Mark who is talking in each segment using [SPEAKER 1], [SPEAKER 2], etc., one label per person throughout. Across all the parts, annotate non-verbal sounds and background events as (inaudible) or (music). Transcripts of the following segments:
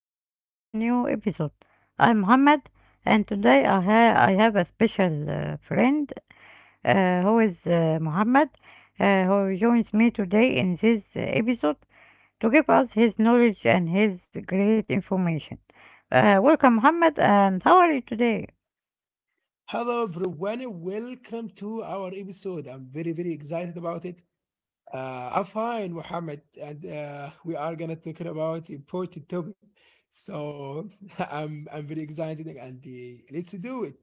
[SPEAKER 1] welcome to our new episode. I'm Mohammed and today I have a special friend who is Mohammed who joins me today in this episode to give us his knowledge and his great information. Welcome Mohammed and how are you today?
[SPEAKER 2] Hello everyone, welcome to our episode. I'm very, very excited about it. I'm fine, Mohammed, and we are gonna talk about important topic. So (laughs) I'm very excited, and let's do it.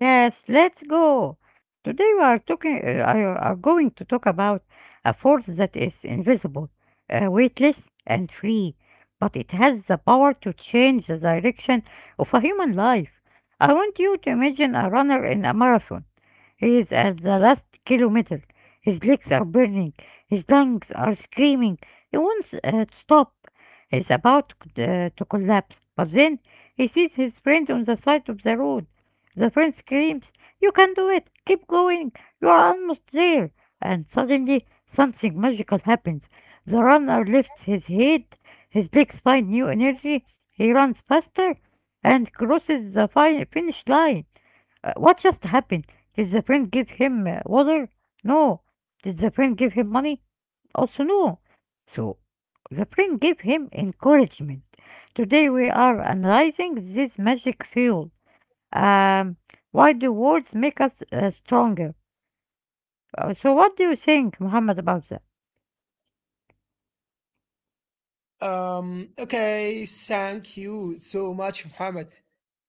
[SPEAKER 1] Yes, let's go. Today we are talking are going to talk about a force that is invisible, weightless and free, but it has the power to change the direction of a human life. I want you to imagine a runner in a marathon. He is at the last kilometer. His legs are burning. His lungs are screaming. He wants to stop. He's about to collapse, but then he sees his friend on the side of the road. The friend screams, "You can do it! Keep going! You are almost there!" And suddenly, something magical happens. The runner lifts his head, his legs find new energy, he runs faster, and crosses the finish line. What just happened? Did the friend give him water? No. Did the friend give him money? Also, no. So, the friend gave him encouragement. Today, we are analyzing this magic fuel. Um, why do words make us stronger? So, what do you think, Muhammad, about that?
[SPEAKER 2] Okay, thank you so much, Mohammed.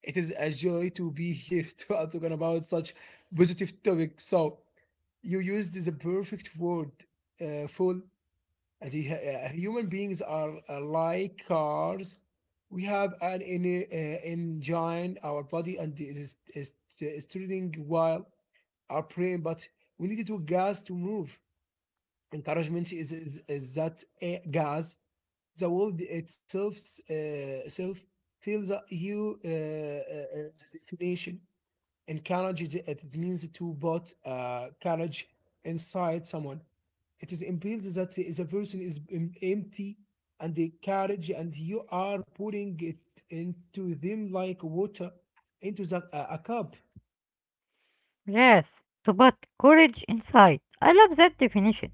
[SPEAKER 2] It is a joy to be here (laughs) to I'm talking about such positive topic. So you used the perfect word, full. And the human beings are like cars. We have an engine, our body, and it is turning while our brain, but we need to gas to move. Encouragement is that gas, the world itself, self feels a you definition. Encourage it means to put courage inside someone. It is implies that the person is empty and the courage, and you are putting it into them like water into a cup.
[SPEAKER 1] Yes, to put courage inside. I love that definition.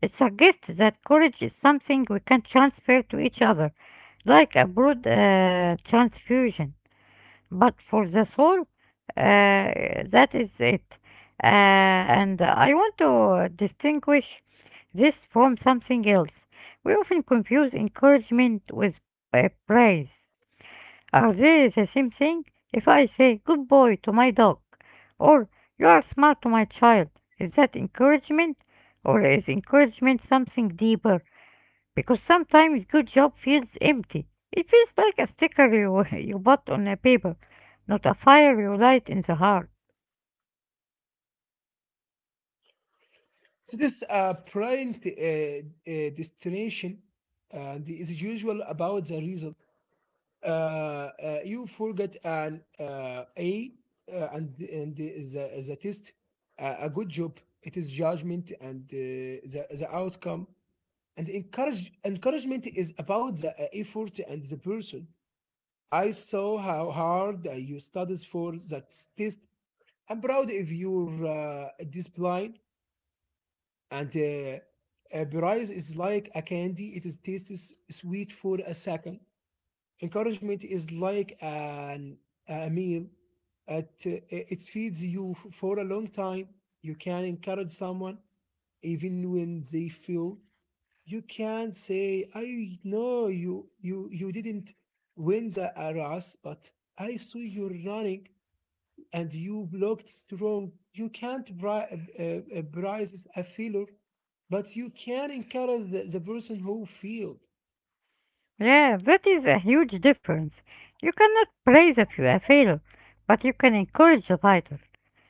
[SPEAKER 1] It suggests that courage is something we can transfer to each other, like a blood transfusion. But for the soul, uh, that is it. And I want to distinguish this from something else. We often confuse encouragement with praise. Are they the same thing? If I say good boy to my dog, or you are smart to my child, is that encouragement? Or is encouragement something deeper? Because sometimes good job feels empty. It feels like a sticker (laughs) you bought on a paper, not a fire you light in the heart.
[SPEAKER 2] So this prime destination and is usual about the result. Uh, uh, you forget an A and the test, a good job. It is judgment and the outcome. And encouragement is about the effort and the person. I saw how hard you studies for that test. I'm proud of your discipline. And price is like a candy. It is tastes sweet for a second. Encouragement is like a meal. It feeds you for a long time. You can encourage someone even when they feel. You can say, "I know you didn't win the race, but I saw you running and you blocked strong. You can't prize a failure, but you can encourage the person who failed.
[SPEAKER 1] Yeah, that is a huge difference. You cannot praise a failure, but you can encourage the fighter.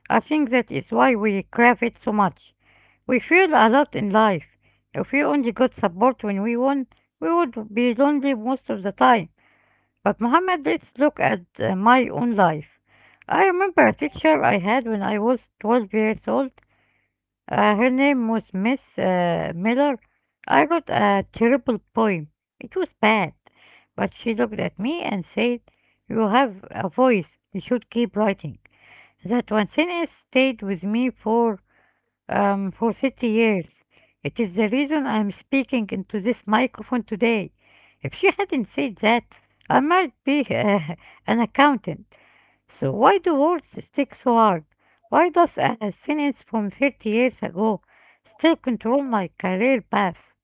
[SPEAKER 1] I think that is why we crave it so much. We feel a lot in life. If we only got support when we won, we would be lonely most of the time. But Mohammed, let's look at my own life. I remember a teacher I had when I was 12 years old. Her name was Miss Miller. I wrote a terrible poem. It was bad. But she looked at me and said, "You have a voice. You should keep writing." That one sentence stayed with me for 30 years. It is the reason I am speaking into this microphone today. If she (laughs) hadn't said that, I might be (laughs) an accountant. So why do words stick so hard? Why does a sentence from 30 years ago still control my career path?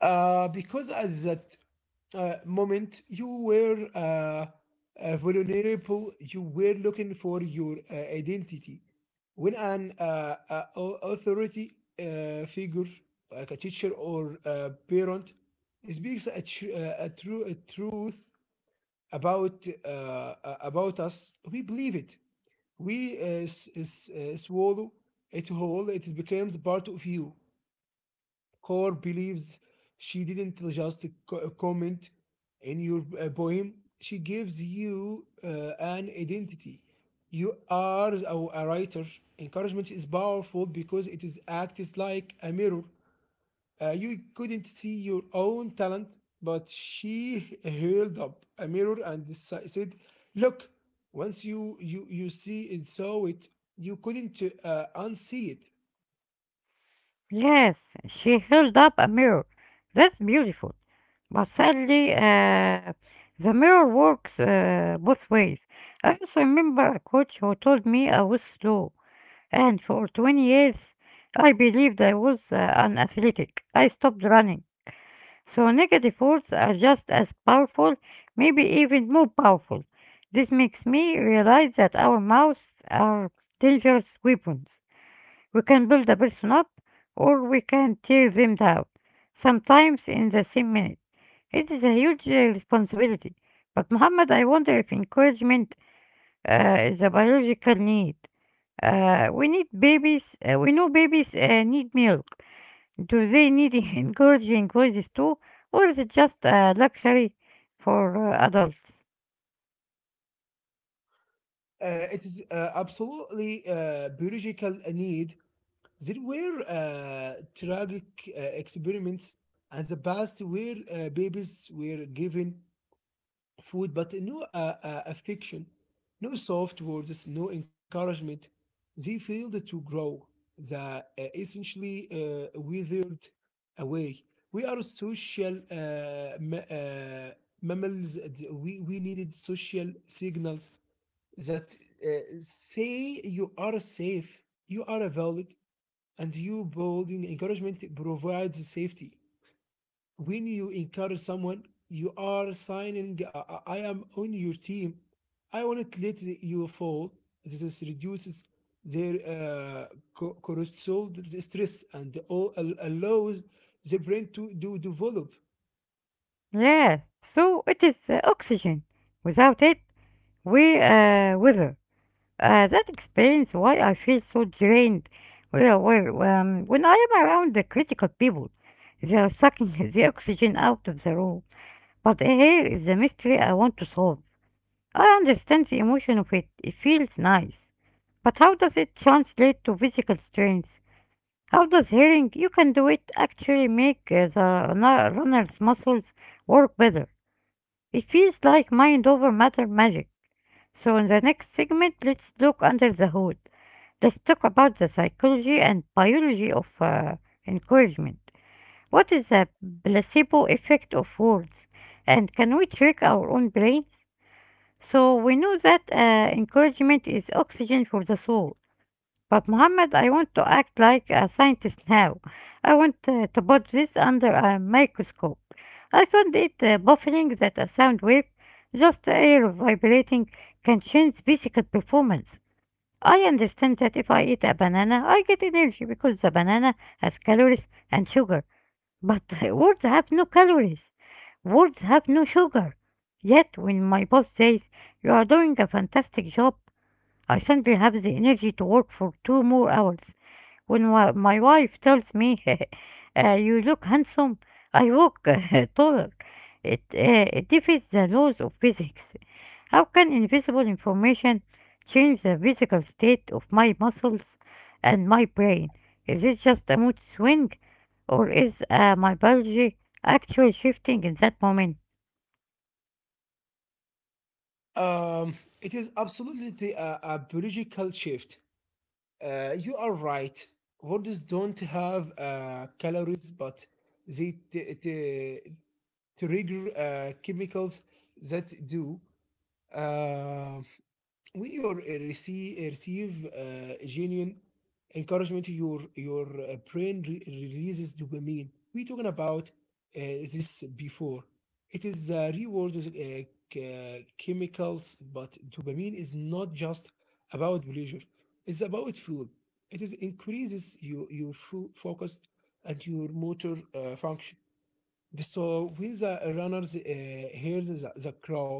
[SPEAKER 2] Because at that moment, you were vulnerable, you were looking for your identity. When an authority figure, like a teacher or a parent, speaks a truth about uh, about us, we believe it. We swallow it whole. It becomes part of you. Core believes she didn't just comment in your poem. She gives you an identity. You are a writer. Encouragement is powerful because it is acts like a mirror. You couldn't see your own talent, but she held up a mirror and said, "Look, once you see and saw it, you couldn't unsee it."
[SPEAKER 1] Yes, she held up a mirror. That's beautiful. But sadly, the mirror works both ways. I also remember a coach who told me I was slow. And for 20 years, I believed I was unathletic. I stopped running. So negative words are just as powerful, maybe even more powerful. This makes me realize that our mouths are dangerous weapons. We can build a person up or we can tear them down, sometimes in the same minute. It is a huge responsibility. But Muhammad, I wonder if encouragement is a biological need we need babies. We know babies need milk. Do they need (laughs) encouraging voices too, or is it just a luxury for adults?
[SPEAKER 2] It is absolutely biological need. There were tragic experiments and the past where babies were given food, but no affection, no soft words, no encouragement. They failed to grow. They essentially withered away. We are social mammals. And we needed social signals that uh, say you are safe, you are valid, and you building encouragement provides safety. When you encourage someone, you are signing, I am on your team, I won't let you fall. This is reduces their cortisol stress, and all allows their brain to develop.
[SPEAKER 1] Yes. So it is oxygen. Without it, we wither. That explains why I feel so drained. Well, when I am around the critical people, they are sucking (laughs) the oxygen out of the room. But here is the mystery I want to solve. I understand the emotion of it. It feels nice. But how does it translate to physical strength? How does hearing you can do it actually make runner's muscles work better? It feels like mind over matter magic. So, in the next segment, let's look under the hood. Let's talk about the psychology and biology of encouragement. What is the placebo effect of words? And can we trick our own brains? So we know that encouragement is oxygen for the soul. But Muhammad, I want to act like a scientist now. I want to put this under a microscope. I found it baffling that a sound wave, just air vibrating, can change physical performance. I understand that if I eat a banana, I get energy because the banana has calories and sugar. But (laughs) words have no calories. Words have no sugar. Yet when my boss says, "You are doing a fantastic job," I simply have the energy to work for two more hours. When my wife tells me, (laughs) "You look handsome," I walk (laughs) taller. It defeats the laws of physics. How can invisible information change the physical state of my muscles and my brain? Is it just a mood swing, or is my biology actually shifting in that moment?
[SPEAKER 2] um, it is absolutely a biological shift. You are right, words don't have calories, but they trigger chemicals that do. uh, when you receive genuine encouragement, your brain releases dopamine. We talking about this before. It is a reward chemicals, but dopamine is not just about pleasure. It's about fuel. It is increases your full focus and your motor function. So when the runners hears the crowd,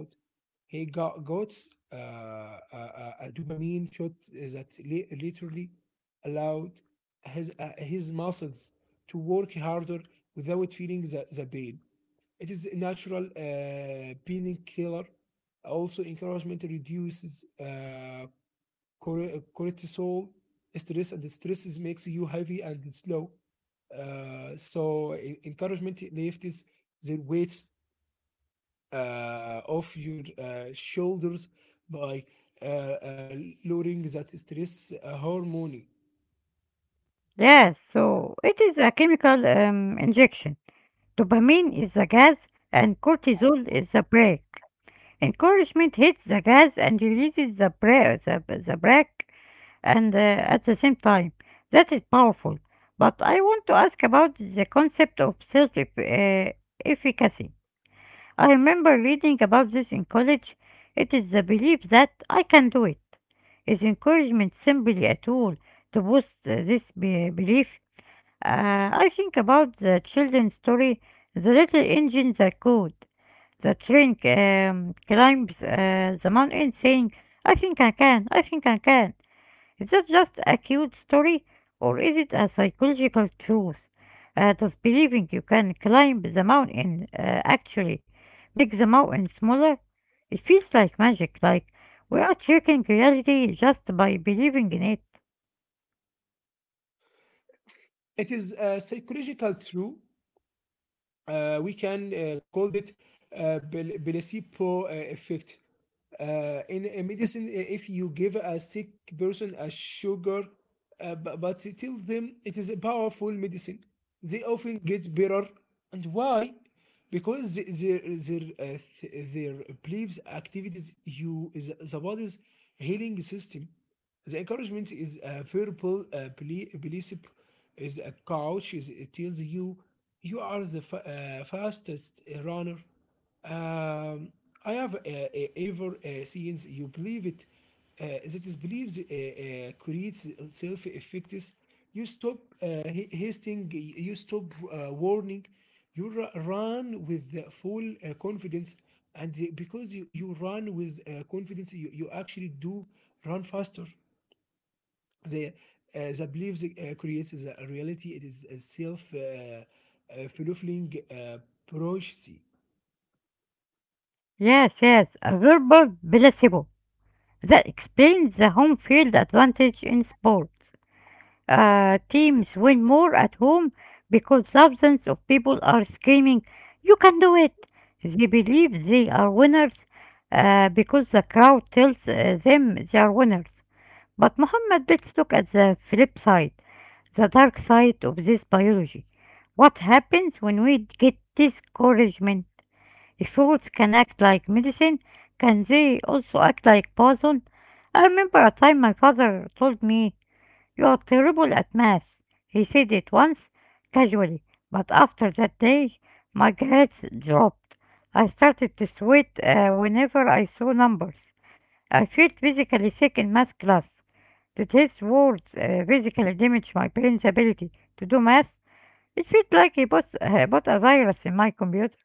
[SPEAKER 2] he got a dopamine shot that literally allowed his muscles to work harder without feeling the pain. It is a natural painkiller. Also, encouragement reduces cortisol stress, and stress makes you heavy and slow. So, encouragement lifts their weights off your shoulders by uh, uh, lowering that stress hormone.
[SPEAKER 1] Yes, so it is a chemical injection. Dopamine is the gas and cortisol is the brake. Encouragement hits the gas and releases the brake and at the same time. That is powerful. But I want to ask about the concept of self efficacy. I remember reading about this in college. It is the belief that I can do it. Is encouragement simply a tool to boost belief? I think about the children's story, the little engine that could. The train climbs the mountain saying, "I think I can, I think I can." Is that just a cute story or is it a psychological truth? Does believing you can climb the mountain actually make the mountain smaller? It feels like magic, like we are checking reality just by believing in it.
[SPEAKER 2] It is psychological true. We can call it placebo effect. In medicine, if you give a sick person a sugar, but tell them it is a powerful medicine, they often get better. And why? Because their beliefs, activities, you the body's healing system. The encouragement is a verbal belief, is a coach. It tells you, you are the fastest runner. Um, I have ever seen you believe it. That is believes creates self effects. You stop hasting. You stop warning. You run with the full confidence, and because you run with confidence, you actually do run faster. The uh, the belief creates the reality. It is a self fulfilling prophecy.
[SPEAKER 1] Yes, yes, a verbal placebo. That explains the home field advantage in sports. Teams win more at home because thousands of people are screaming, "You can do it!" They believe they are winners because the crowd tells them they are winners. But, Muhammad, let's look at the flip side, the dark side of this biology. What happens when we get discouragement? The foods can act like medicine. Can they also act like poison? I remember a time my father told me, "You are terrible at math." He said it once, casually, but after that day, my grades dropped. I started to sweat whenever I saw numbers. I felt physically sick in math class. Did his words physically damage my brain's ability to do math? It felt like he put a virus in my computer.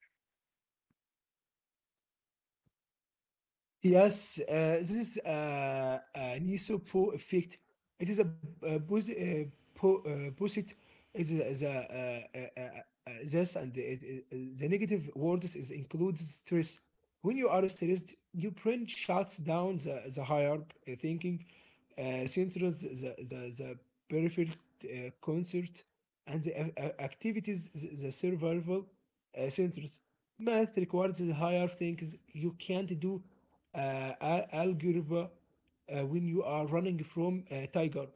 [SPEAKER 2] Yes, this is an isopo effect. It is a posit is a this and the negative words is includes stress. When you are stressed, your brain shuts down the higher thinking, centers the peripheral concert and the activities the survival centers. Math requires higher things. You can't do algebra when you are running from a tiger.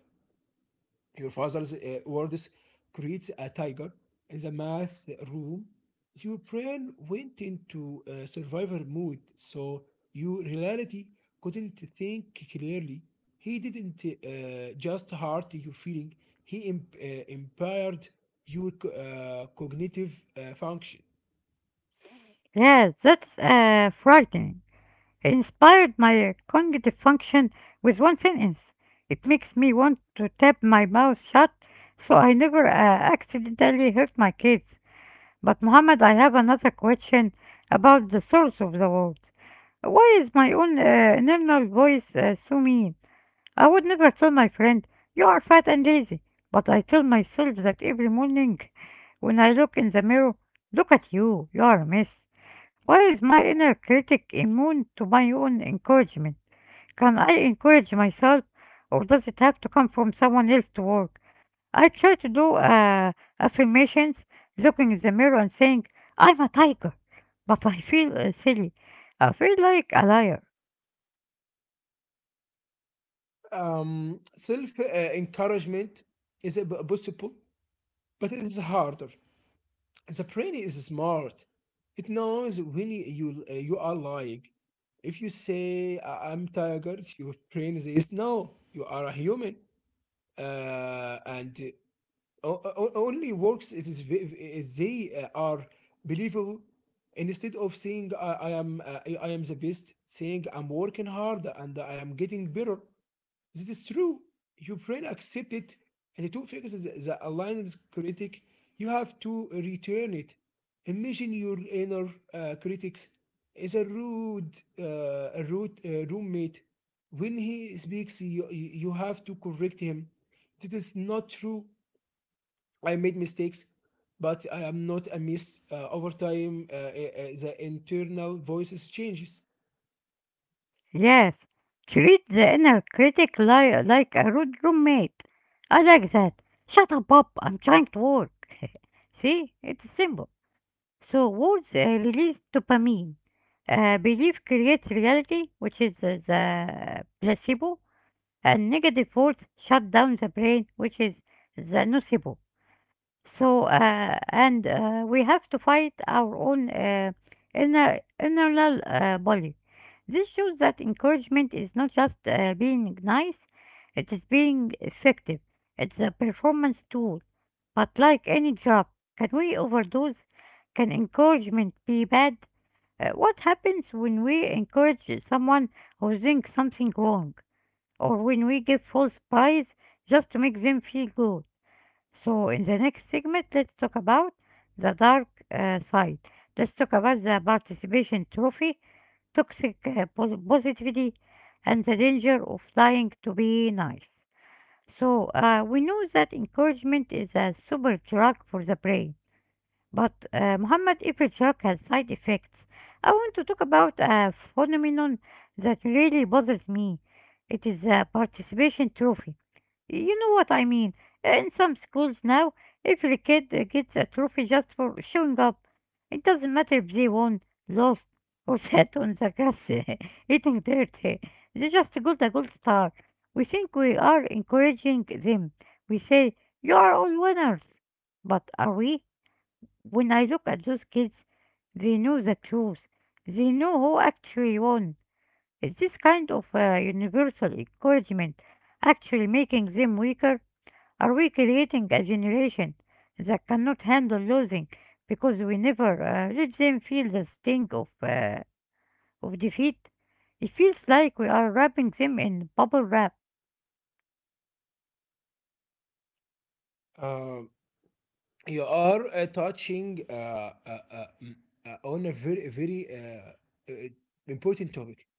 [SPEAKER 2] Your father's words creates a tiger in the math room. Your brain went into survivor mode, so your reality couldn't think clearly. He didn't just hurt your feeling. He impaired your cognitive function.
[SPEAKER 1] Yeah, that's frightening. He inspired my cognitive function with one sentence. It makes me want to tap my mouth shut so I never accidentally hurt my kids. But, Muhammad, I have another question about the source of the words. Why is my own internal voice so mean? I would never tell my friend, "you are fat and lazy," but I tell myself that every morning when I look in the mirror, "look at you, you are a mess." Why is my inner critic immune to my own encouragement? Can I encourage myself or does it have to come from someone else to work? I try to do affirmations, looking in the mirror and saying, "I'm a tiger," but I feel silly. I feel like a liar.
[SPEAKER 2] Self encouragement is possible, but it is harder. The brain is smart. It knows when you are lying. If you say, I'm tired," your brain says no. You are a human, and only works it is they are believable. Instead of saying I am the best, saying I'm working hard and I am getting better. This is true. Your brain accepts it, and to fix the aligned critic, you have to return it. Imagine your inner critics is a rude roommate. When he speaks, you have to correct him. This is not true. I made mistakes, but I am not a miss. Over time, the internal voices changes.
[SPEAKER 1] Yes, treat the inner critic like a rude roommate. I like that. "Shut up, Bob. I'm trying to work." (laughs) See, it's simple. So, words release dopamine. Belief creates reality, which is the placebo, and negative words shut down the brain, which is the nocebo. So, and we have to fight our own inner internal bully. This shows that encouragement is not just being nice; it is being effective. It's a performance tool. But like any job, can we overdose? Can encouragement be bad? What happens when we encourage someone who's doing something wrong, or when we give false praise just to make them feel good? So in the next segment, let's talk about the dark side. Let's talk about the participation trophy, toxic positivity, and the danger of lying to be nice. So we know that encouragement is a super drug for the brain, but Muhammad, every drug has side effects. I want to talk about a phenomenon that really bothers me. It is the participation trophy. You know what I mean. In some schools now, every kid gets a trophy just for showing up. It doesn't matter if they won, lost, or (laughs) sat on the grass (laughs) eating dirt. They just got a gold star. We think we are encouraging them. We say, "You are all winners." But are we? When I look at those kids, they know the truth. They know who actually won. Is this kind of universal encouragement actually making them weaker? Are we creating a generation that cannot handle losing because we never let them feel the sting of defeat? It feels like we are wrapping them in bubble wrap.
[SPEAKER 2] Um, you are touching on a very, very uh, important topic.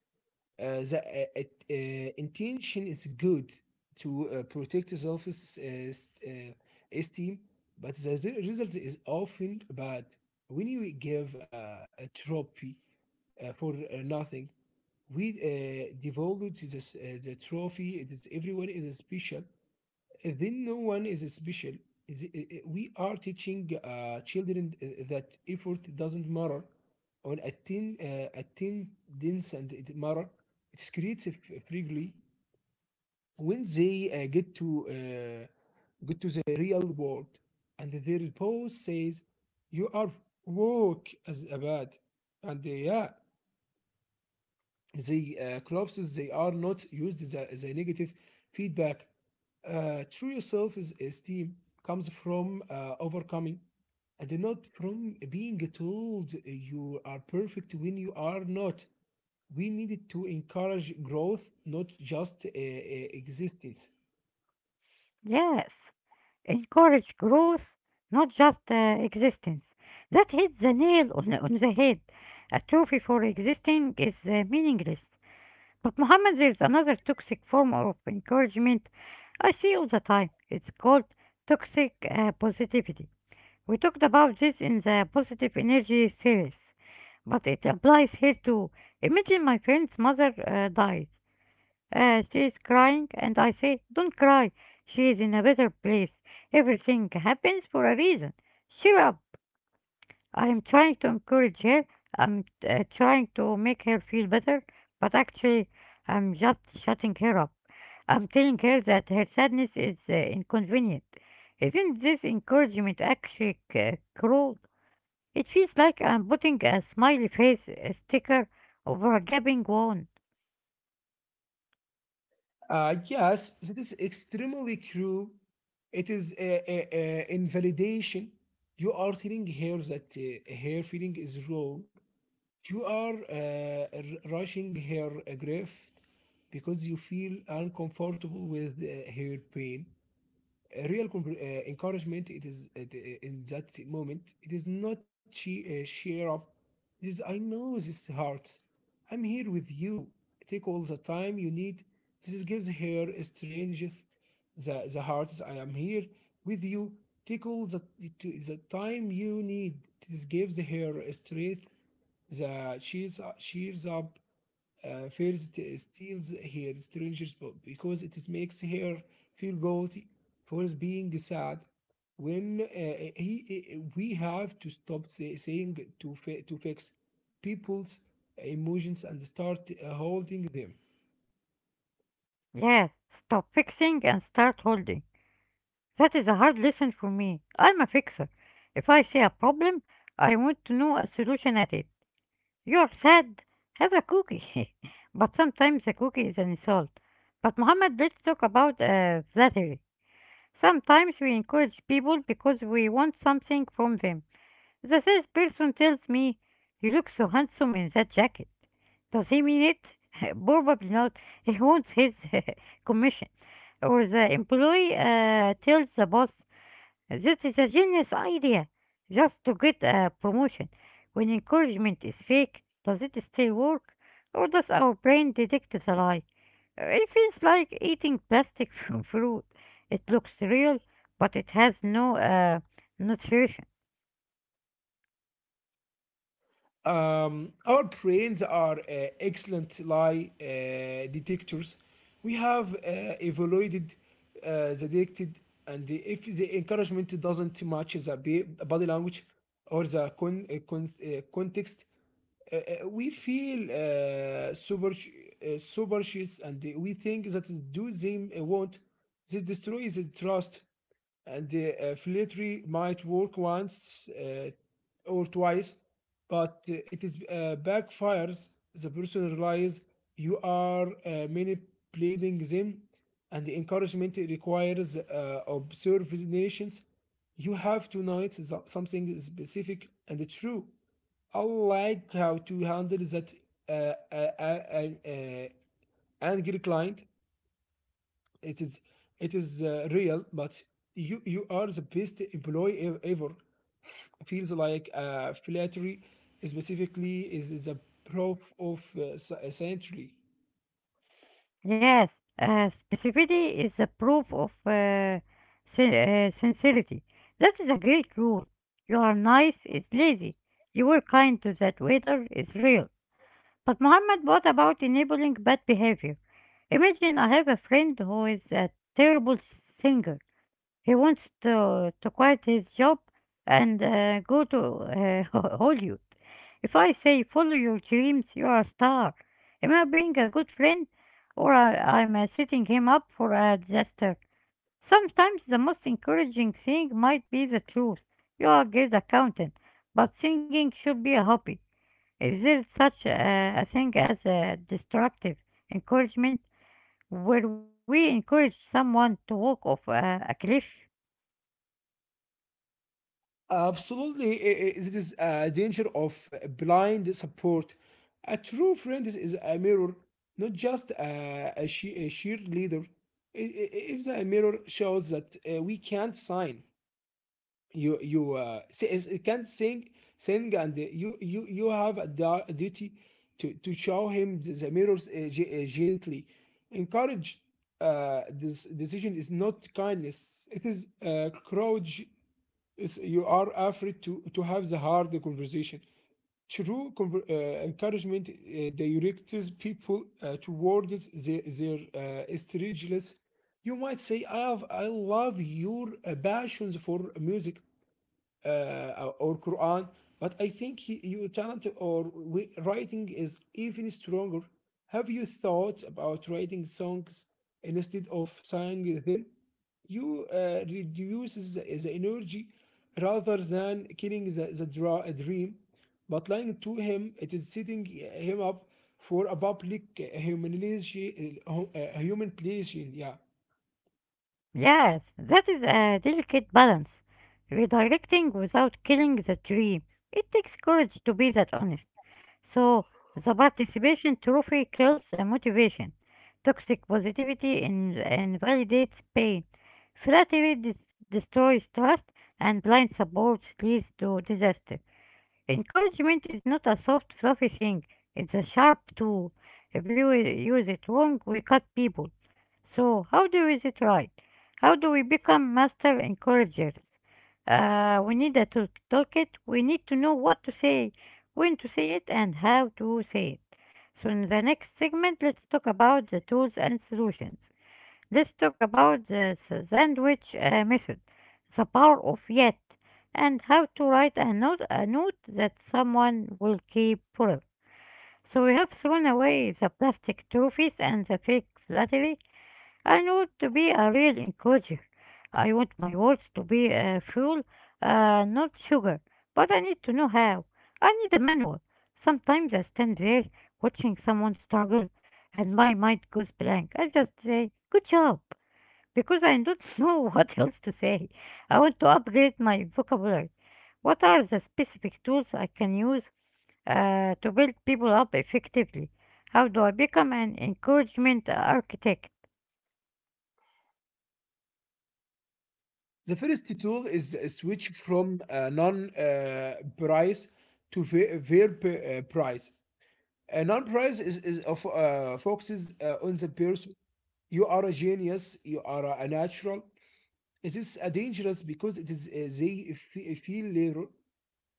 [SPEAKER 2] The intention is good to protect self s- uh, esteem, but the result is often bad. When you give a trophy for nothing, we devalued this the trophy. It is everyone is special, then no one is special. We are teaching children that effort doesn't matter on attendance and it matter. It's creates a freely when they get to the real world, and their boss says, "You are woke as a bad," and yeah, the crops they are not used the negative feedback. True self-esteem comes from overcoming and not from being told you are perfect when you are not. We needed to encourage growth, not just existence.
[SPEAKER 1] Yes, encourage growth, not just existence. That hits the nail on the head. A trophy for existing is meaningless. But Muhammad, there is another toxic form of encouragement I see all the time. It's called toxic positivity. We talked about this in the positive energy series, but it applies here too. Imagine my friend's mother died. She is crying, and I say, "Don't cry. She is in a better place. Everything happens for a reason. Cheer up." I am trying to encourage her. I'm trying to make her feel better, but actually, I'm just shutting her up. I'm telling her that her sadness is inconvenient. Isn't this encouragement actually cruel? It feels like I'm putting a smiley face sticker over a gaping wound.
[SPEAKER 2] Yes, it is extremely cruel. It is a invalidation. You are telling her that her feeling is wrong. You are rushing her grief because you feel uncomfortable with her pain. A real encouragement, it is in that moment it is not cheer up, it is, I know this hurts, I'm here with you, take all the time you need. This gives her a strength, the heart, I am here with you, take all the time you need. This gives her a strength. The cheers cheers up first steals her stranger's book because it is makes her feel guilty for being sad. When we have to stop saying to fix people's emotions and start holding them.
[SPEAKER 1] Yeah, stop fixing and start holding. That is a hard lesson for me. I'm a fixer. If I see a problem, I want to know a solution at it. You're sad? Have a cookie. (laughs) But sometimes a cookie is an insult. But Mohammed, let's talk about flattery. Sometimes we encourage people because we want something from them. The salesperson tells me, "You look so handsome in that jacket." Does he mean it? (laughs) Probably not. He wants his (laughs) commission. Or the employee tells the boss, "This is a genius idea," just to get a promotion. When encouragement is fake, does it still work? Or does our brain detect the lie? It feels like eating plastic (laughs) from fruit. It looks real, but it has no nutrition.
[SPEAKER 2] Our brains are excellent lie detectors. We have evaluated the detected, and if the encouragement doesn't match the body language or the context. uh, we feel superstitious and we think that do them want. This destroys the trust, and the filtry might work once or twice, but it is backfires. The person realizes you are manipulating them, and the encouragement requires observations. You have to know it's something specific and true. I like how to handle that uh, uh, uh, uh, uh, angry client it is it is real but you are the best employee ever feels like flattery specifically is a proof of century.
[SPEAKER 1] Yes, specificity is a proof of sincerity. That is a great rule. "You are nice" is lazy. "You were kind to that waiter" is real. But Muhammad, what about enabling bad behavior? Imagine I have a friend who is a terrible singer. He wants to quit his job and go to (laughs) Hollywood. If I say, "Follow your dreams, you are a star." Am I being a good friend, or am I setting him up for a disaster? Sometimes the most encouraging thing might be the truth. "You are a great accountant, but singing should be a hobby." Is there such a thing as a destructive encouragement, where we encourage someone to walk off a cliff?
[SPEAKER 2] Absolutely, it is a danger of blind support. A true friend is a mirror, not just a cheerleader. If the mirror shows that we can't sign, you can't sing and you have a duty to show him the mirrors gently encourage this decision is not kindness, it is courage. Is you are afraid to have the hard conversation. True encouragement directs people towards their, their strangeness. You might say, I love your passions for music or Quran. But I think your talent or writing is even stronger. Have you thought about writing songs instead of singing them? You reduces the energy rather than killing the, the a dream. But lying to him, it is setting him up for a public humiliation, humiliation. Yeah.
[SPEAKER 1] Yes, that is a delicate balance. Redirecting without killing the tree. It takes courage to be that honest. So, the participation trophy kills motivation. Toxic positivity invalidates pain. Flattery destroys trust, and blind support leads to disaster. Encouragement is not a soft, fluffy thing, it's a sharp tool. If we use it wrong, we cut people. So, how do we use it right? How do we become master encouragers? We need a toolkit. We need to know what to say, when to say it, and how to say it. So, in the next segment, let's talk about the tools and solutions. Let's talk about the sandwich method, the power of yet, and how to write a note that someone will keep forever. So we have thrown away the plastic trophies and the fake flattery. I want to be a real encourager. I want my words to be fuel, not sugar. But I need to know how. I need a manual. Sometimes I stand there watching someone struggle and my mind goes blank. I just say, "Good job." Because I don't (laughs) know what else to say. I want to upgrade my vocabulary. What are the specific tools I can use to build people up effectively? How do I become an encouragement architect?
[SPEAKER 2] The first tool is a switch from a non price to verb price. A non price is focuses on the person. You are a genius, you are a natural. It is a dangerous because it is they feel later.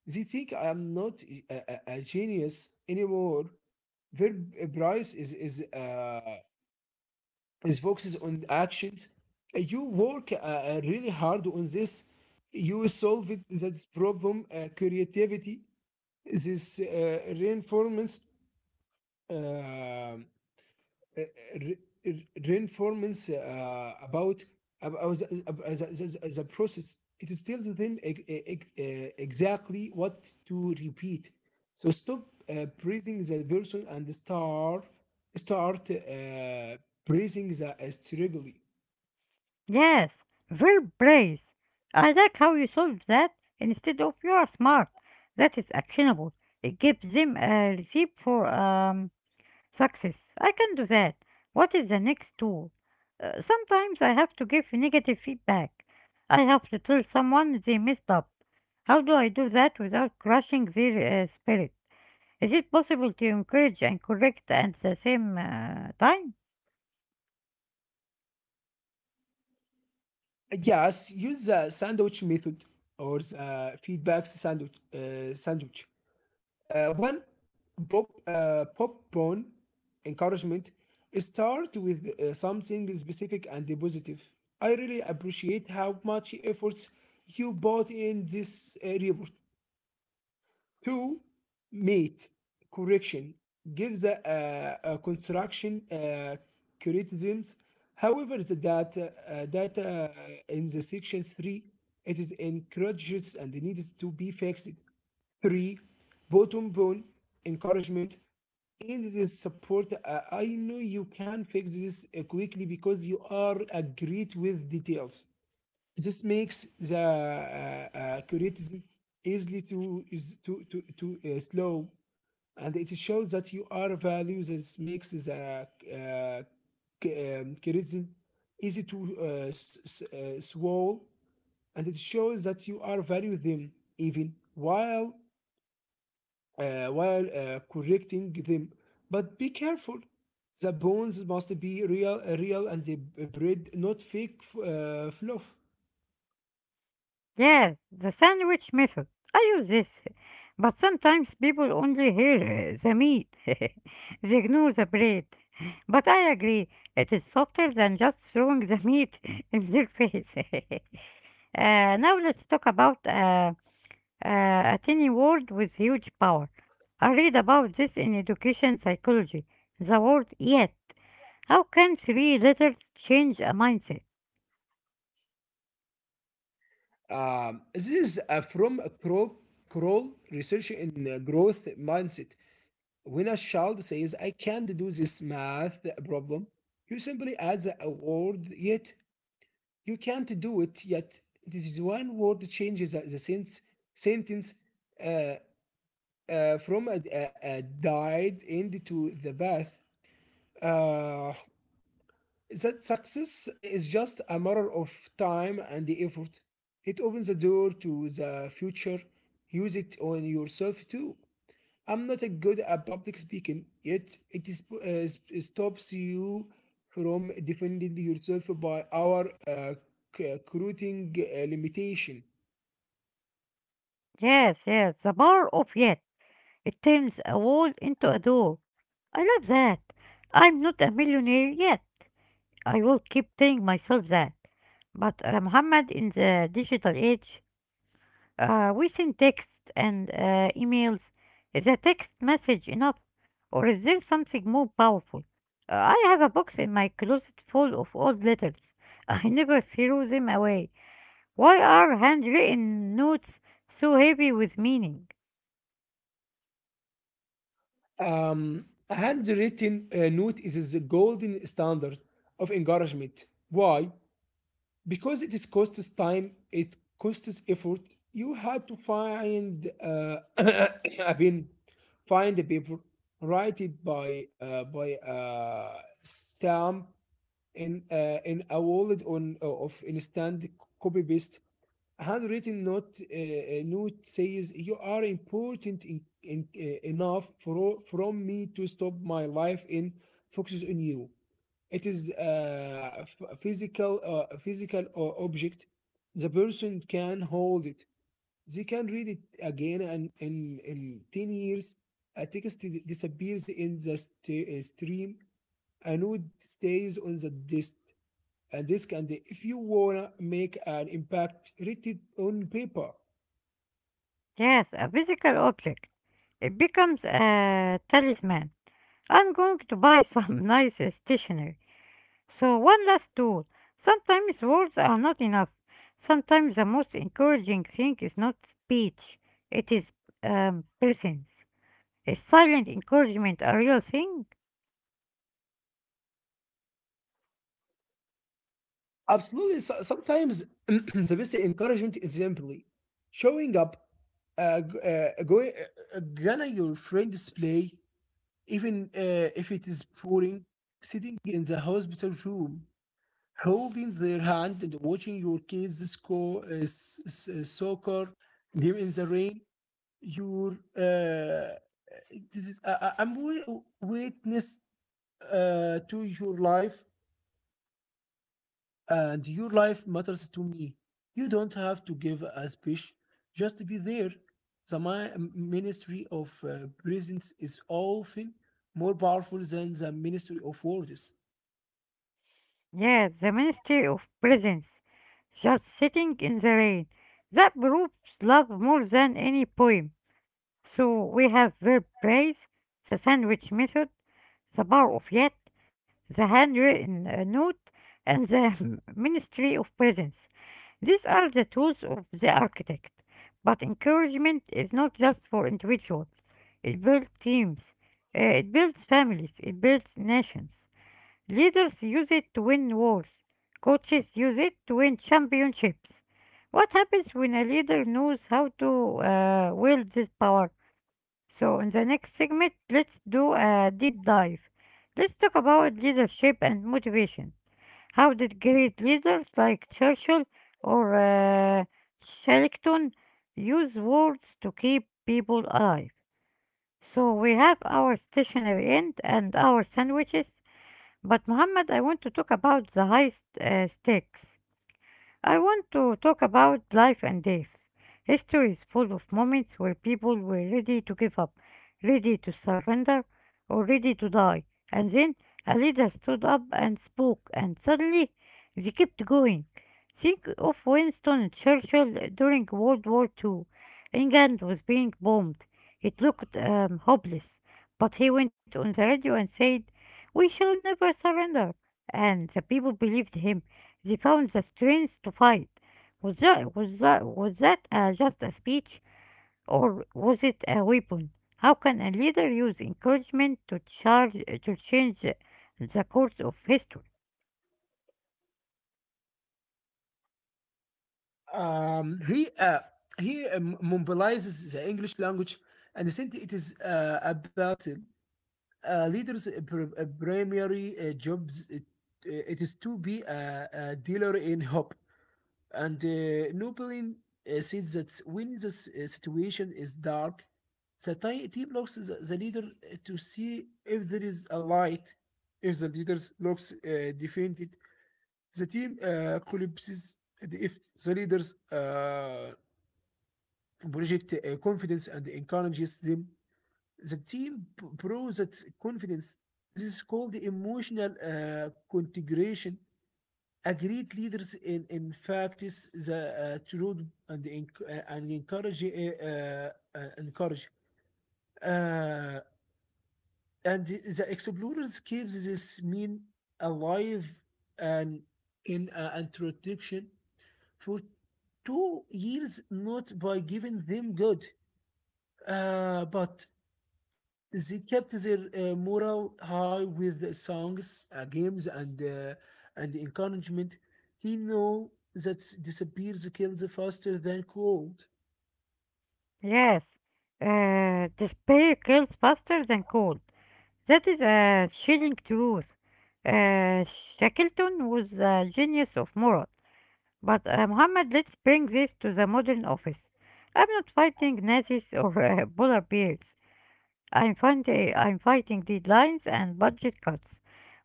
[SPEAKER 2] They think I am not a genius anymore. Verb price is it focuses on the actions. You work really hard on this. You solve it, that problem, creativity, this reinforcements, uh, uh, re- reinforcements about the process. It tells them exactly what to repeat. So stop praising the person and start praising the struggle.
[SPEAKER 1] Yes, verb praise. "I like how you solved that" instead of "You are smart." That is actionable. It gives them a receipt for success. I can do that. What is the next tool? Sometimes I have to give negative feedback. I have to tell someone they messed up. How do I do that without crushing their spirit? Is it possible to encourage and correct at the same time?
[SPEAKER 2] Yes, use the sandwich method or the feedback sandwich. Sandwich. One popcorn encouragement. Start with something specific and positive. I really appreciate how much effort you bought in this report. To meet correction gives a construction criticisms. However, the data, data in the section 3, it is encourages and needs to be fixed. 3. Bottom bone encouragement. In this support, I know you can fix this quickly because you are agreed with details. This makes the criticism easily to is to slow, and it shows that you are value. This makes the uh, criticism easy to swallow, and it shows that you are value them even while correcting them. But be careful. The bones must be real and bred, not fake fluff.
[SPEAKER 1] Yes, the sandwich method. I use this, but sometimes people only hear the meat. (laughs) They ignore the bread. But I agree, it is softer than just throwing the meat (laughs) in their face. (laughs) Now let's talk about uh, a tiny word with huge power. I read about this in education psychology. The word "yet." How can three letters change a mindset?
[SPEAKER 2] This is from Kroll research in growth mindset. When a child says, I can't do this math problem, you simply add a word yet. You can't do it yet. This is one word changes the sentence from a died end to the bath. Uh, That success is just a matter of time and the effort. It opens the door to the future. Use it on yourself too. I'm not a good at public speaking, yet it is, stops you from defending yourself by our recruiting limitation.
[SPEAKER 1] Yes, the power of yet. It turns a wall into a door. I love that. I'm not a millionaire yet. I will keep telling myself that. But Muhammad, in the digital age, we send texts and emails. Is a text message enough? Or is there something more powerful? I have a box in my closet full of old letters. (laughs) I never threw them away. Why are handwritten notes so heavy with meaning?
[SPEAKER 2] A handwritten note is the golden standard of encouragement. Why? Because it is costs time, it costs effort. You had to find, (coughs) I mean, find the paper, write it by stamp in a wallet on of instant copy paste. Handwritten note says you are important enough for from me to stop my life and focuses on you. It is a physical, physical object. The person can hold it. They can read it again, and in 10 years, a text disappears in the stream. A note stays on the disk. And disk. And if you wanna make an impact, read it on paper.
[SPEAKER 1] Yes, a physical object. It becomes a talisman. I'm going to buy some (laughs) nice stationery. So, one last tool. Sometimes words are not enough. Sometimes the most encouraging thing is not speech, it is presence. Is silent encouragement a real thing?
[SPEAKER 2] Absolutely. So, sometimes (clears throat) the best encouragement is simply showing up g- going gonna your friend's play even if it is pouring, sitting in the hospital room, holding their hand and watching your kids score soccer game in the rain, your this is I'm wi- witness to your life, and your life matters to me. You don't have to give a speech; just be there. The ministry of presence is often more powerful than the ministry of words.
[SPEAKER 1] Yes, the ministry of presence. Just sitting in the rain. That proves love more than any poem. So we have verb praise, the sandwich method, the power of yet, the handwritten note, and the (laughs) ministry of presence. These are the tools of the architect. But encouragement is not just for individuals. It builds teams. It builds families. It builds nations. Leaders use it to win wars. Coaches use it to win championships. What happens when a leader knows how to wield this power? So, in the next segment, let's do a deep dive. Let's talk about leadership and motivation. How did great leaders like Churchill or Shackleton use words to keep people alive? So, we have our stationary end and our sandwiches, but Muhammad, I want to talk about the highest stakes. I want to talk about life and death. History is full of moments where people were ready to give up, ready to surrender, or ready to die. And then a leader stood up and spoke, and suddenly they kept going. Think of Winston Churchill during World War Two. England was being bombed. It looked hopeless, but he went on the radio and said, "We shall never surrender." And the people believed him, they found the strength to fight. Was that just a speech or was it a weapon? How can a leader use encouragement to, to change the course of history?
[SPEAKER 2] Um, he uh, he mobilizes the English language and since it is a leaders' primary jobs it, it is to be a dealer in hope. And Napoleon says that when the situation is dark, the team looks the leader to see if there is a light. If the leader looks defeated, the team collapses. And if the leaders project confidence and encourages them. The team proves that confidence. This is called the emotional integration. A great leaders in fact is the truth and, encourage uh, and the explorers keeps this mean alive and in introduction for 2 years not by giving them good but they kept their morale high with songs, games, and encouragement. He know that disappears kills faster than cold.
[SPEAKER 1] Yes, despair kills faster than cold. That is a chilling truth. Shackleton was a genius of moral. But Muhammad, let's bring this to the modern office. I'm not fighting Nazis or polar bears. I'm fighting deadlines and budget cuts,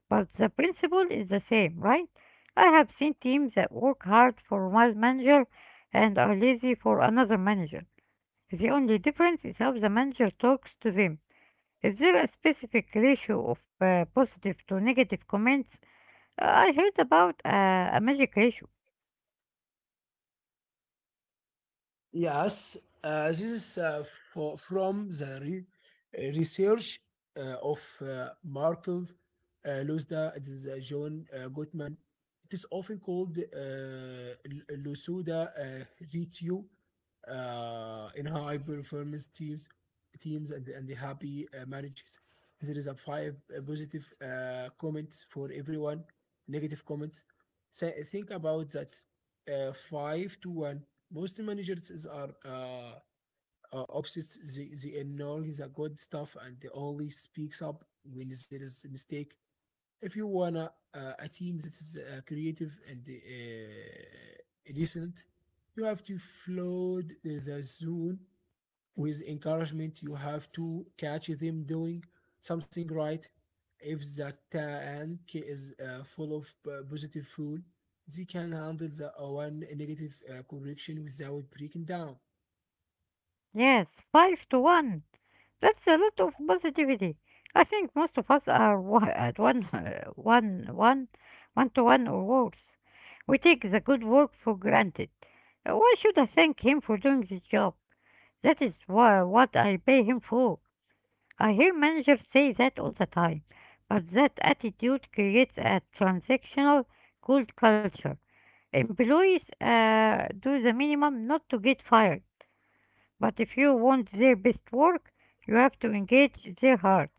[SPEAKER 1] but the principle is the same, right? I have seen teams that work hard for one manager and are lazy for another manager. The only difference is how the manager talks to them. Is there a specific ratio of positive to negative comments? I heard about a magic ratio.
[SPEAKER 2] Yes, this is from the research of Markel Lusda and John Gottman. It is often called Lusuda Ritue in high performance teams and the happy managers. There is a five positive comments for everyone, negative comments. So think about that. Five to one. Most managers is are obsessed. They ignore the good stuff and they only speaks up when there is a mistake. If you wanna a team that is creative and decent, you have to flood the zone with encouragement. You have to catch them doing something right. If the tank is full of positive fuel, they can handle the one negative correction without breaking down.
[SPEAKER 1] Yes, 5 to 1. That's a lot of positivity. I think most of us are at (laughs) one to one or worse. We take the good work for granted. Why should I thank him for doing this job? That is what I pay him for. I hear managers say that all the time, but that attitude creates a transactional cold culture. Employees do the minimum not to get fired. But if you want their best work, you have to engage their heart.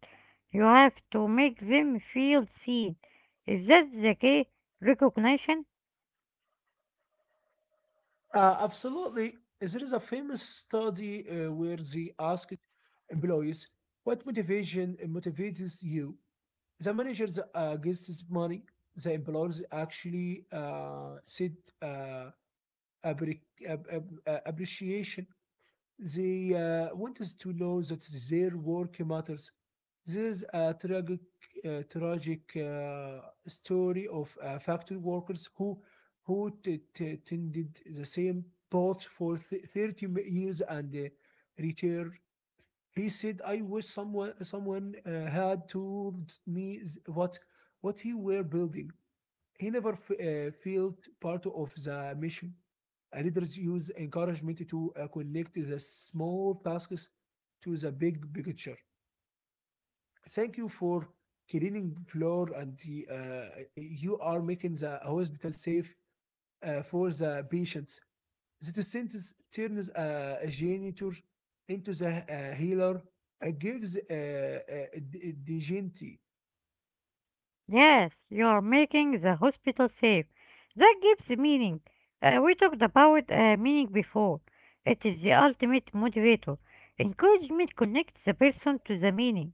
[SPEAKER 1] You have to make them feel seen. Is that the key? Recognition?
[SPEAKER 2] Absolutely. There is a famous study where they asked employees, what motivation motivates you? The managers gets this money. The employers actually said uh, appre- appreciation. They want us to know that their work matters. This is a tragic, uh, tragic uh, story of factory workers who tended the same path for 30 years and retired. He said, "I wish someone had told me what he were building." He never felt part of the mission. Leaders use encouragement to connect the small tasks to the big picture. Thank you for cleaning floor, and the, you are making the hospital safe for the patients. The sentence turns a janitor into the healer, it gives dignity.
[SPEAKER 1] Yes, you are making the hospital safe. That gives meaning. We talked about meaning before. It is the ultimate motivator. Encouragement connects the person to the meaning.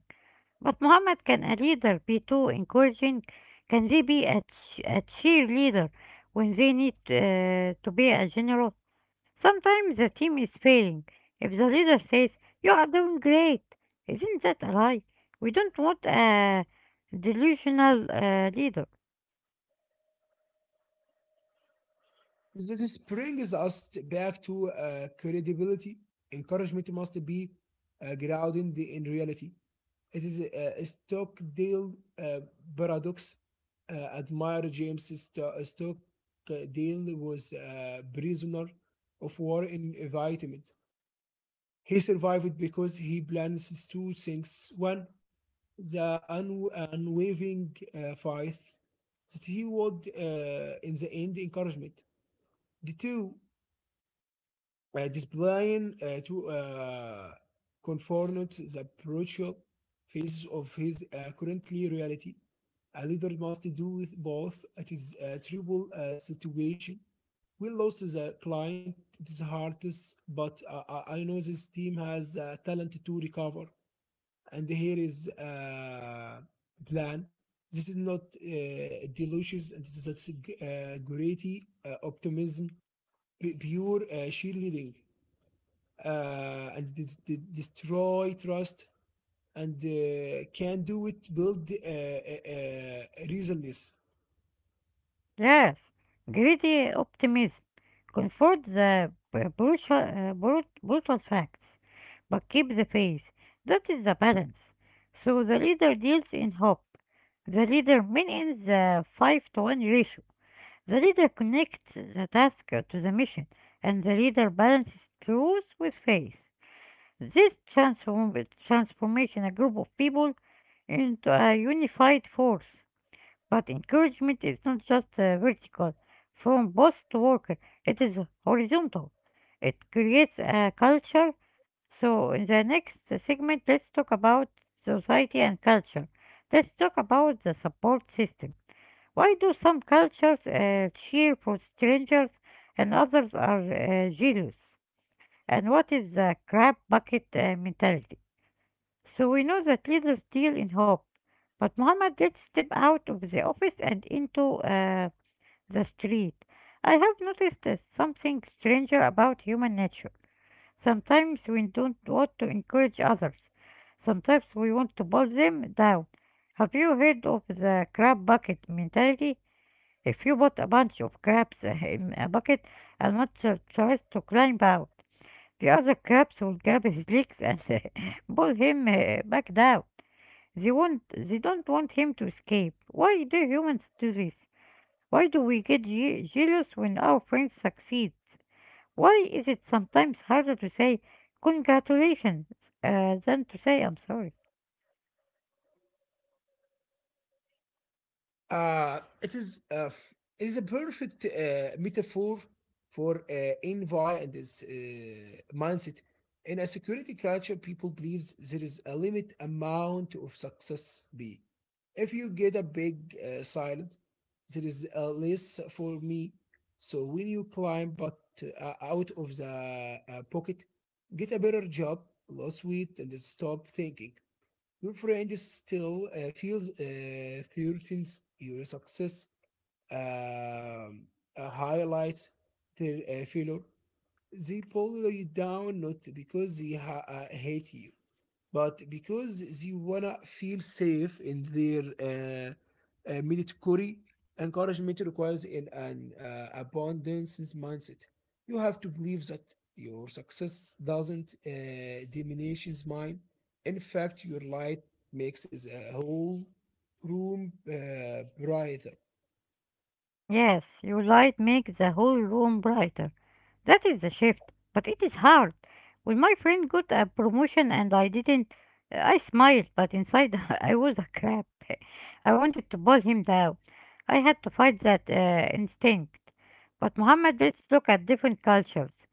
[SPEAKER 1] But Muhammad, can a leader be too encouraging? Can they be a cheerleader when they need to be a general? Sometimes the team is failing. If the leader says, "You are doing great," isn't that a lie? We don't want a delusional leader.
[SPEAKER 2] This brings us back to credibility. Encouragement must be grounded in reality. It is a Stockdale uh, paradox. Admire James Stockdale was a prisoner of war in environment. He survived because he plans two things. One, the unwavering faith that he would, in the end, encouragement. The two displaying to confront the brutal faces of his currently reality. A leader must do with both. It is a terrible situation. We lost the client. It is hardest, but I know this team has talent to recover and here is a plan. This is not delicious, and this is a gritty optimism, pure cheerleading, and this, destroy trust, and can do it, build resilience.
[SPEAKER 1] Yes, greedy optimism. Comfort the brutal, brutal facts, but keep the faith. That is the balance. So the leader deals in hope. The leader maintains the 5 to 1 ratio. The leader connects the task to the mission, and the leader balances truth with faith. This transformation a group of people into a unified force. But encouragement is not just vertical, from boss to worker, it is horizontal. It creates a culture. So, in the next segment, let's talk about society and culture. Let's talk about the support system. Why do some cultures cheer for strangers and others are jealous? And what is the crab bucket mentality? So we know that leaders deal in hope, but Muhammad did step out of the office and into the street. I have noticed something stranger about human nature. Sometimes we don't want to encourage others. Sometimes we want to pull them down. Have you heard of the crab bucket mentality? If you put a bunch of crabs in a bucket and one tries to climb out, the other crabs will grab his legs and (laughs) pull him back down. They don't want him to escape. Why do humans do this? Why do we get jealous when our friends succeed? Why is it sometimes harder to say congratulations than to say I'm sorry?
[SPEAKER 2] Uh, it is uh, it is a perfect metaphor for envy and this mindset. In a security culture, people believes there is a limit amount of success. Be if you get a big silent, there is a less for me. So when you climb but out of the pocket, get a better job, lose weight, and stop thinking. Your friend is still feels threatens your success, um, highlights their failure. They pull you down not because they hate you, but because they wanna feel safe in their military encouragement requires an abundance mindset. You have to believe that your success doesn't diminish mine. In fact, your light makes is a whole room brighter.
[SPEAKER 1] Yes, your light makes the whole room brighter. That is the shift, but it is hard. When my friend got a promotion and I didn't, I smiled, but inside (laughs) I was a crap. I wanted to pull him down. I had to fight that instinct. But Muhammad, let's look at different cultures.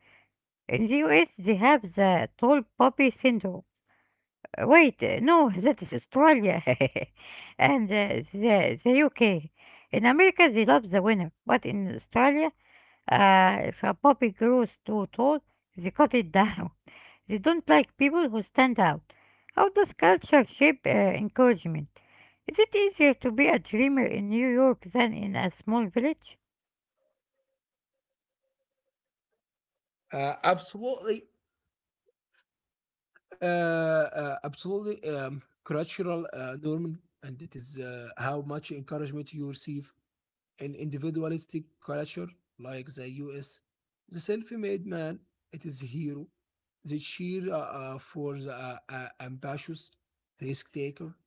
[SPEAKER 1] In the US, they have the tall poppy syndrome. Wait, no, (laughs) that is Australia (laughs) and the UK. In America, they love the winner, but in Australia, if a poppy grows too tall, they cut it down. (laughs) They don't like people who stand out. How does culture shape encouragement? Is it easier to be a dreamer in New York than in a small village?
[SPEAKER 2] Absolutely, absolutely cultural norm, and it is how much encouragement you receive an individualistic culture like the US. The self-made man, it is a hero. They cheer for the ambitious risk taker.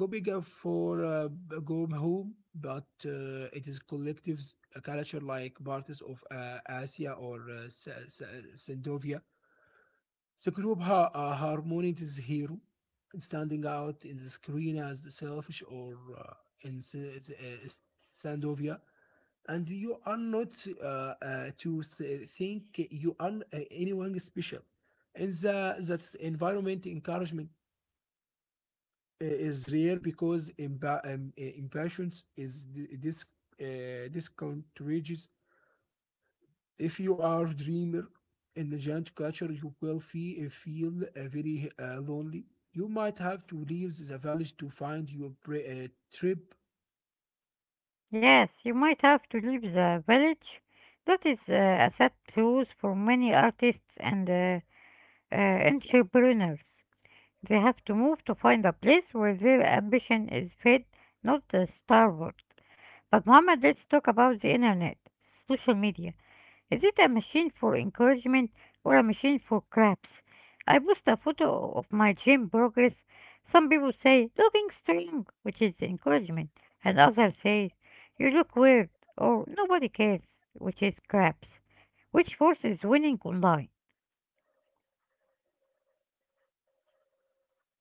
[SPEAKER 2] Go bigger for go home, but it is collective culture like parties of Asia or Scandinavia. The group harmony it is hero, standing out in the screen as selfish or in S- uh, Scandinavia and you are not think you are anyone special. And the that environment, encouragement is rare because imba impatience is discontagious. If you are a dreamer in the giant culture, you will feel very lonely. You might have to leave the village to find your trip.
[SPEAKER 1] Yes, you might have to leave the village. That is a sad truth for many artists and entrepreneurs. They have to move to find a place where their ambition is fed, not starved. But Muhammad, let's talk about the internet, social media. Is it a machine for encouragement or a machine for craps? I post a photo of my gym progress. Some people say, looking strong, which is encouragement. And others say, you look weird or nobody cares, which is craps. Which force is winning online?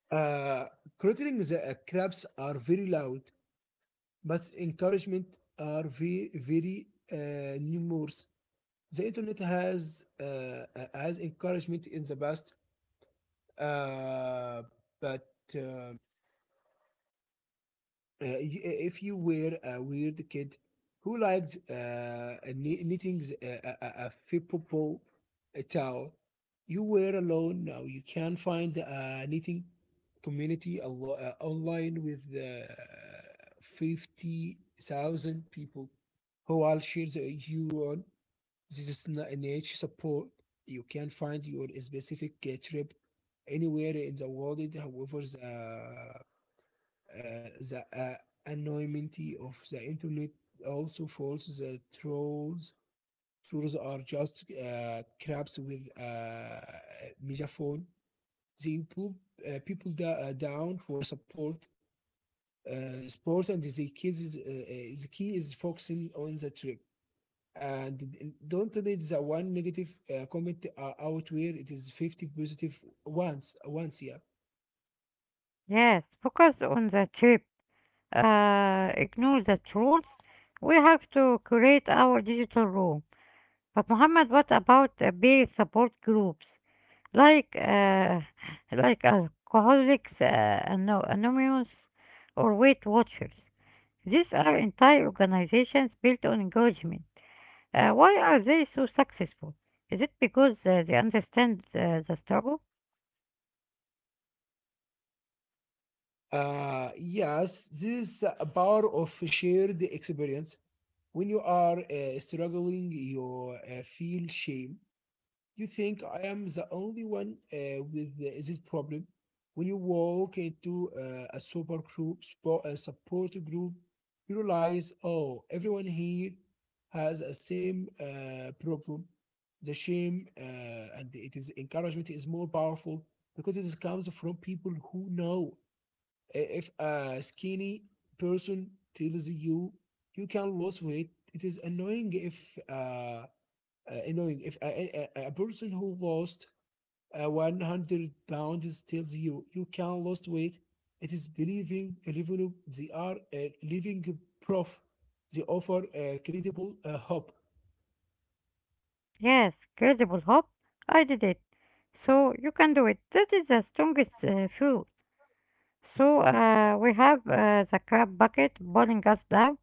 [SPEAKER 2] Uh, Crattling the crabs are very loud but encouragement are very numerous. The internet has encouragement in the past, uh, but uh, if you were a weird kid who likes knitting a flippable towel, you were alone. Now you can find a knitting community online with 50,000 people who all share the- you on this is niche support. You can find your specific trip anywhere in the world. However, the anonymity of the internet also falls. The trolls are just crabs with a megaphone. They pull people down for support sport and the key is focusing on the trip and don't let the one negative comment out where it is 50 positive once. Yeah.
[SPEAKER 1] Yes, focus on the trip. Ignore the trolls. We have to create our digital room. But Muhammad, what about peer support groups like uh, (laughs) like Alcoholics Anonymous or Weight Watchers? These are entire organizations built on engagement. Why are they so successful? Is it because they understand the struggle?
[SPEAKER 2] Yes, this is a power of shared experience. When you are struggling, you feel shame. You think I am the only one with this problem? When you walk into a support group, you realize, oh, everyone here has a same problem. The shame and it is encouragement is more powerful because it comes from people who know. If a skinny person tells you you can lose weight, it is annoying if. You know, if a person who lost 100 pounds tells you you can lose weight, it is believing they are a living proof. They offer a credible hope.
[SPEAKER 1] Yes, credible hope. I did it. So you can do it. That is the strongest fuel. So we have the crab bucket boiling us down.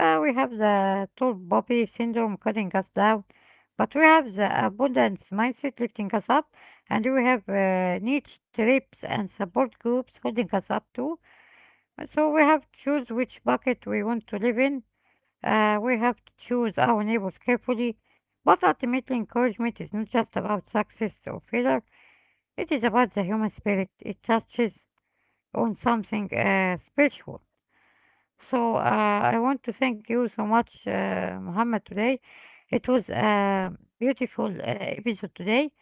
[SPEAKER 1] We have the tall poppy syndrome cutting us down, but we have the abundance mindset lifting us up, and we have niche trips and support groups holding us up too. So we have to choose which bucket we want to live in. We have to choose our neighbors carefully. But ultimately, encouragement is not just about success or failure. It is about the human spirit. It touches on something spiritual. So I want to thank you so much, Muhammad, today. It was a beautiful episode today.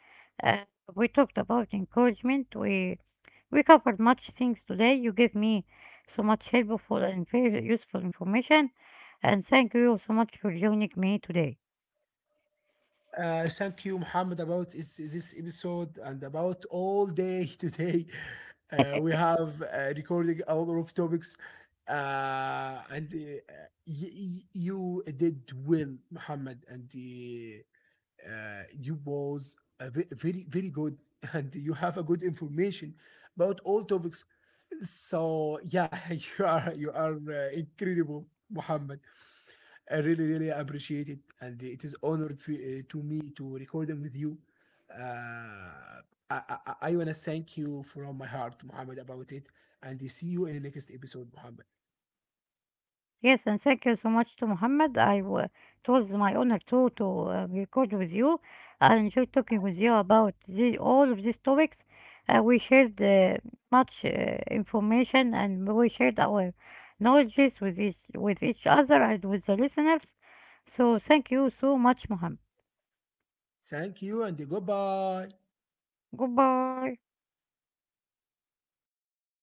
[SPEAKER 1] Uh, we talked about encouragement. We covered much things today. You gave me so much helpful and very useful information, and thank you so much for joining me today.
[SPEAKER 2] Thank you, Muhammad, about this episode and about all day (laughs) today. We have recording a lot of topics, and you did well, Muhammad, and you was a very good (laughs) and you have a good information about all topics so yeah (laughs) you are incredible Muhammad. I really appreciate it and it is honored to me to record them with you. Uh, I, I, I want to thank you from my heart Muhammad about it and see you in the next episode Muhammad.
[SPEAKER 1] Yes, and thank you so much to Mohammed. It was my honor too to record with you. I enjoyed talking with you about all of these topics. We shared much information and we shared our knowledges with each other and with the listeners. So thank you so much, Mohammed.
[SPEAKER 2] Thank you and goodbye.
[SPEAKER 1] Goodbye.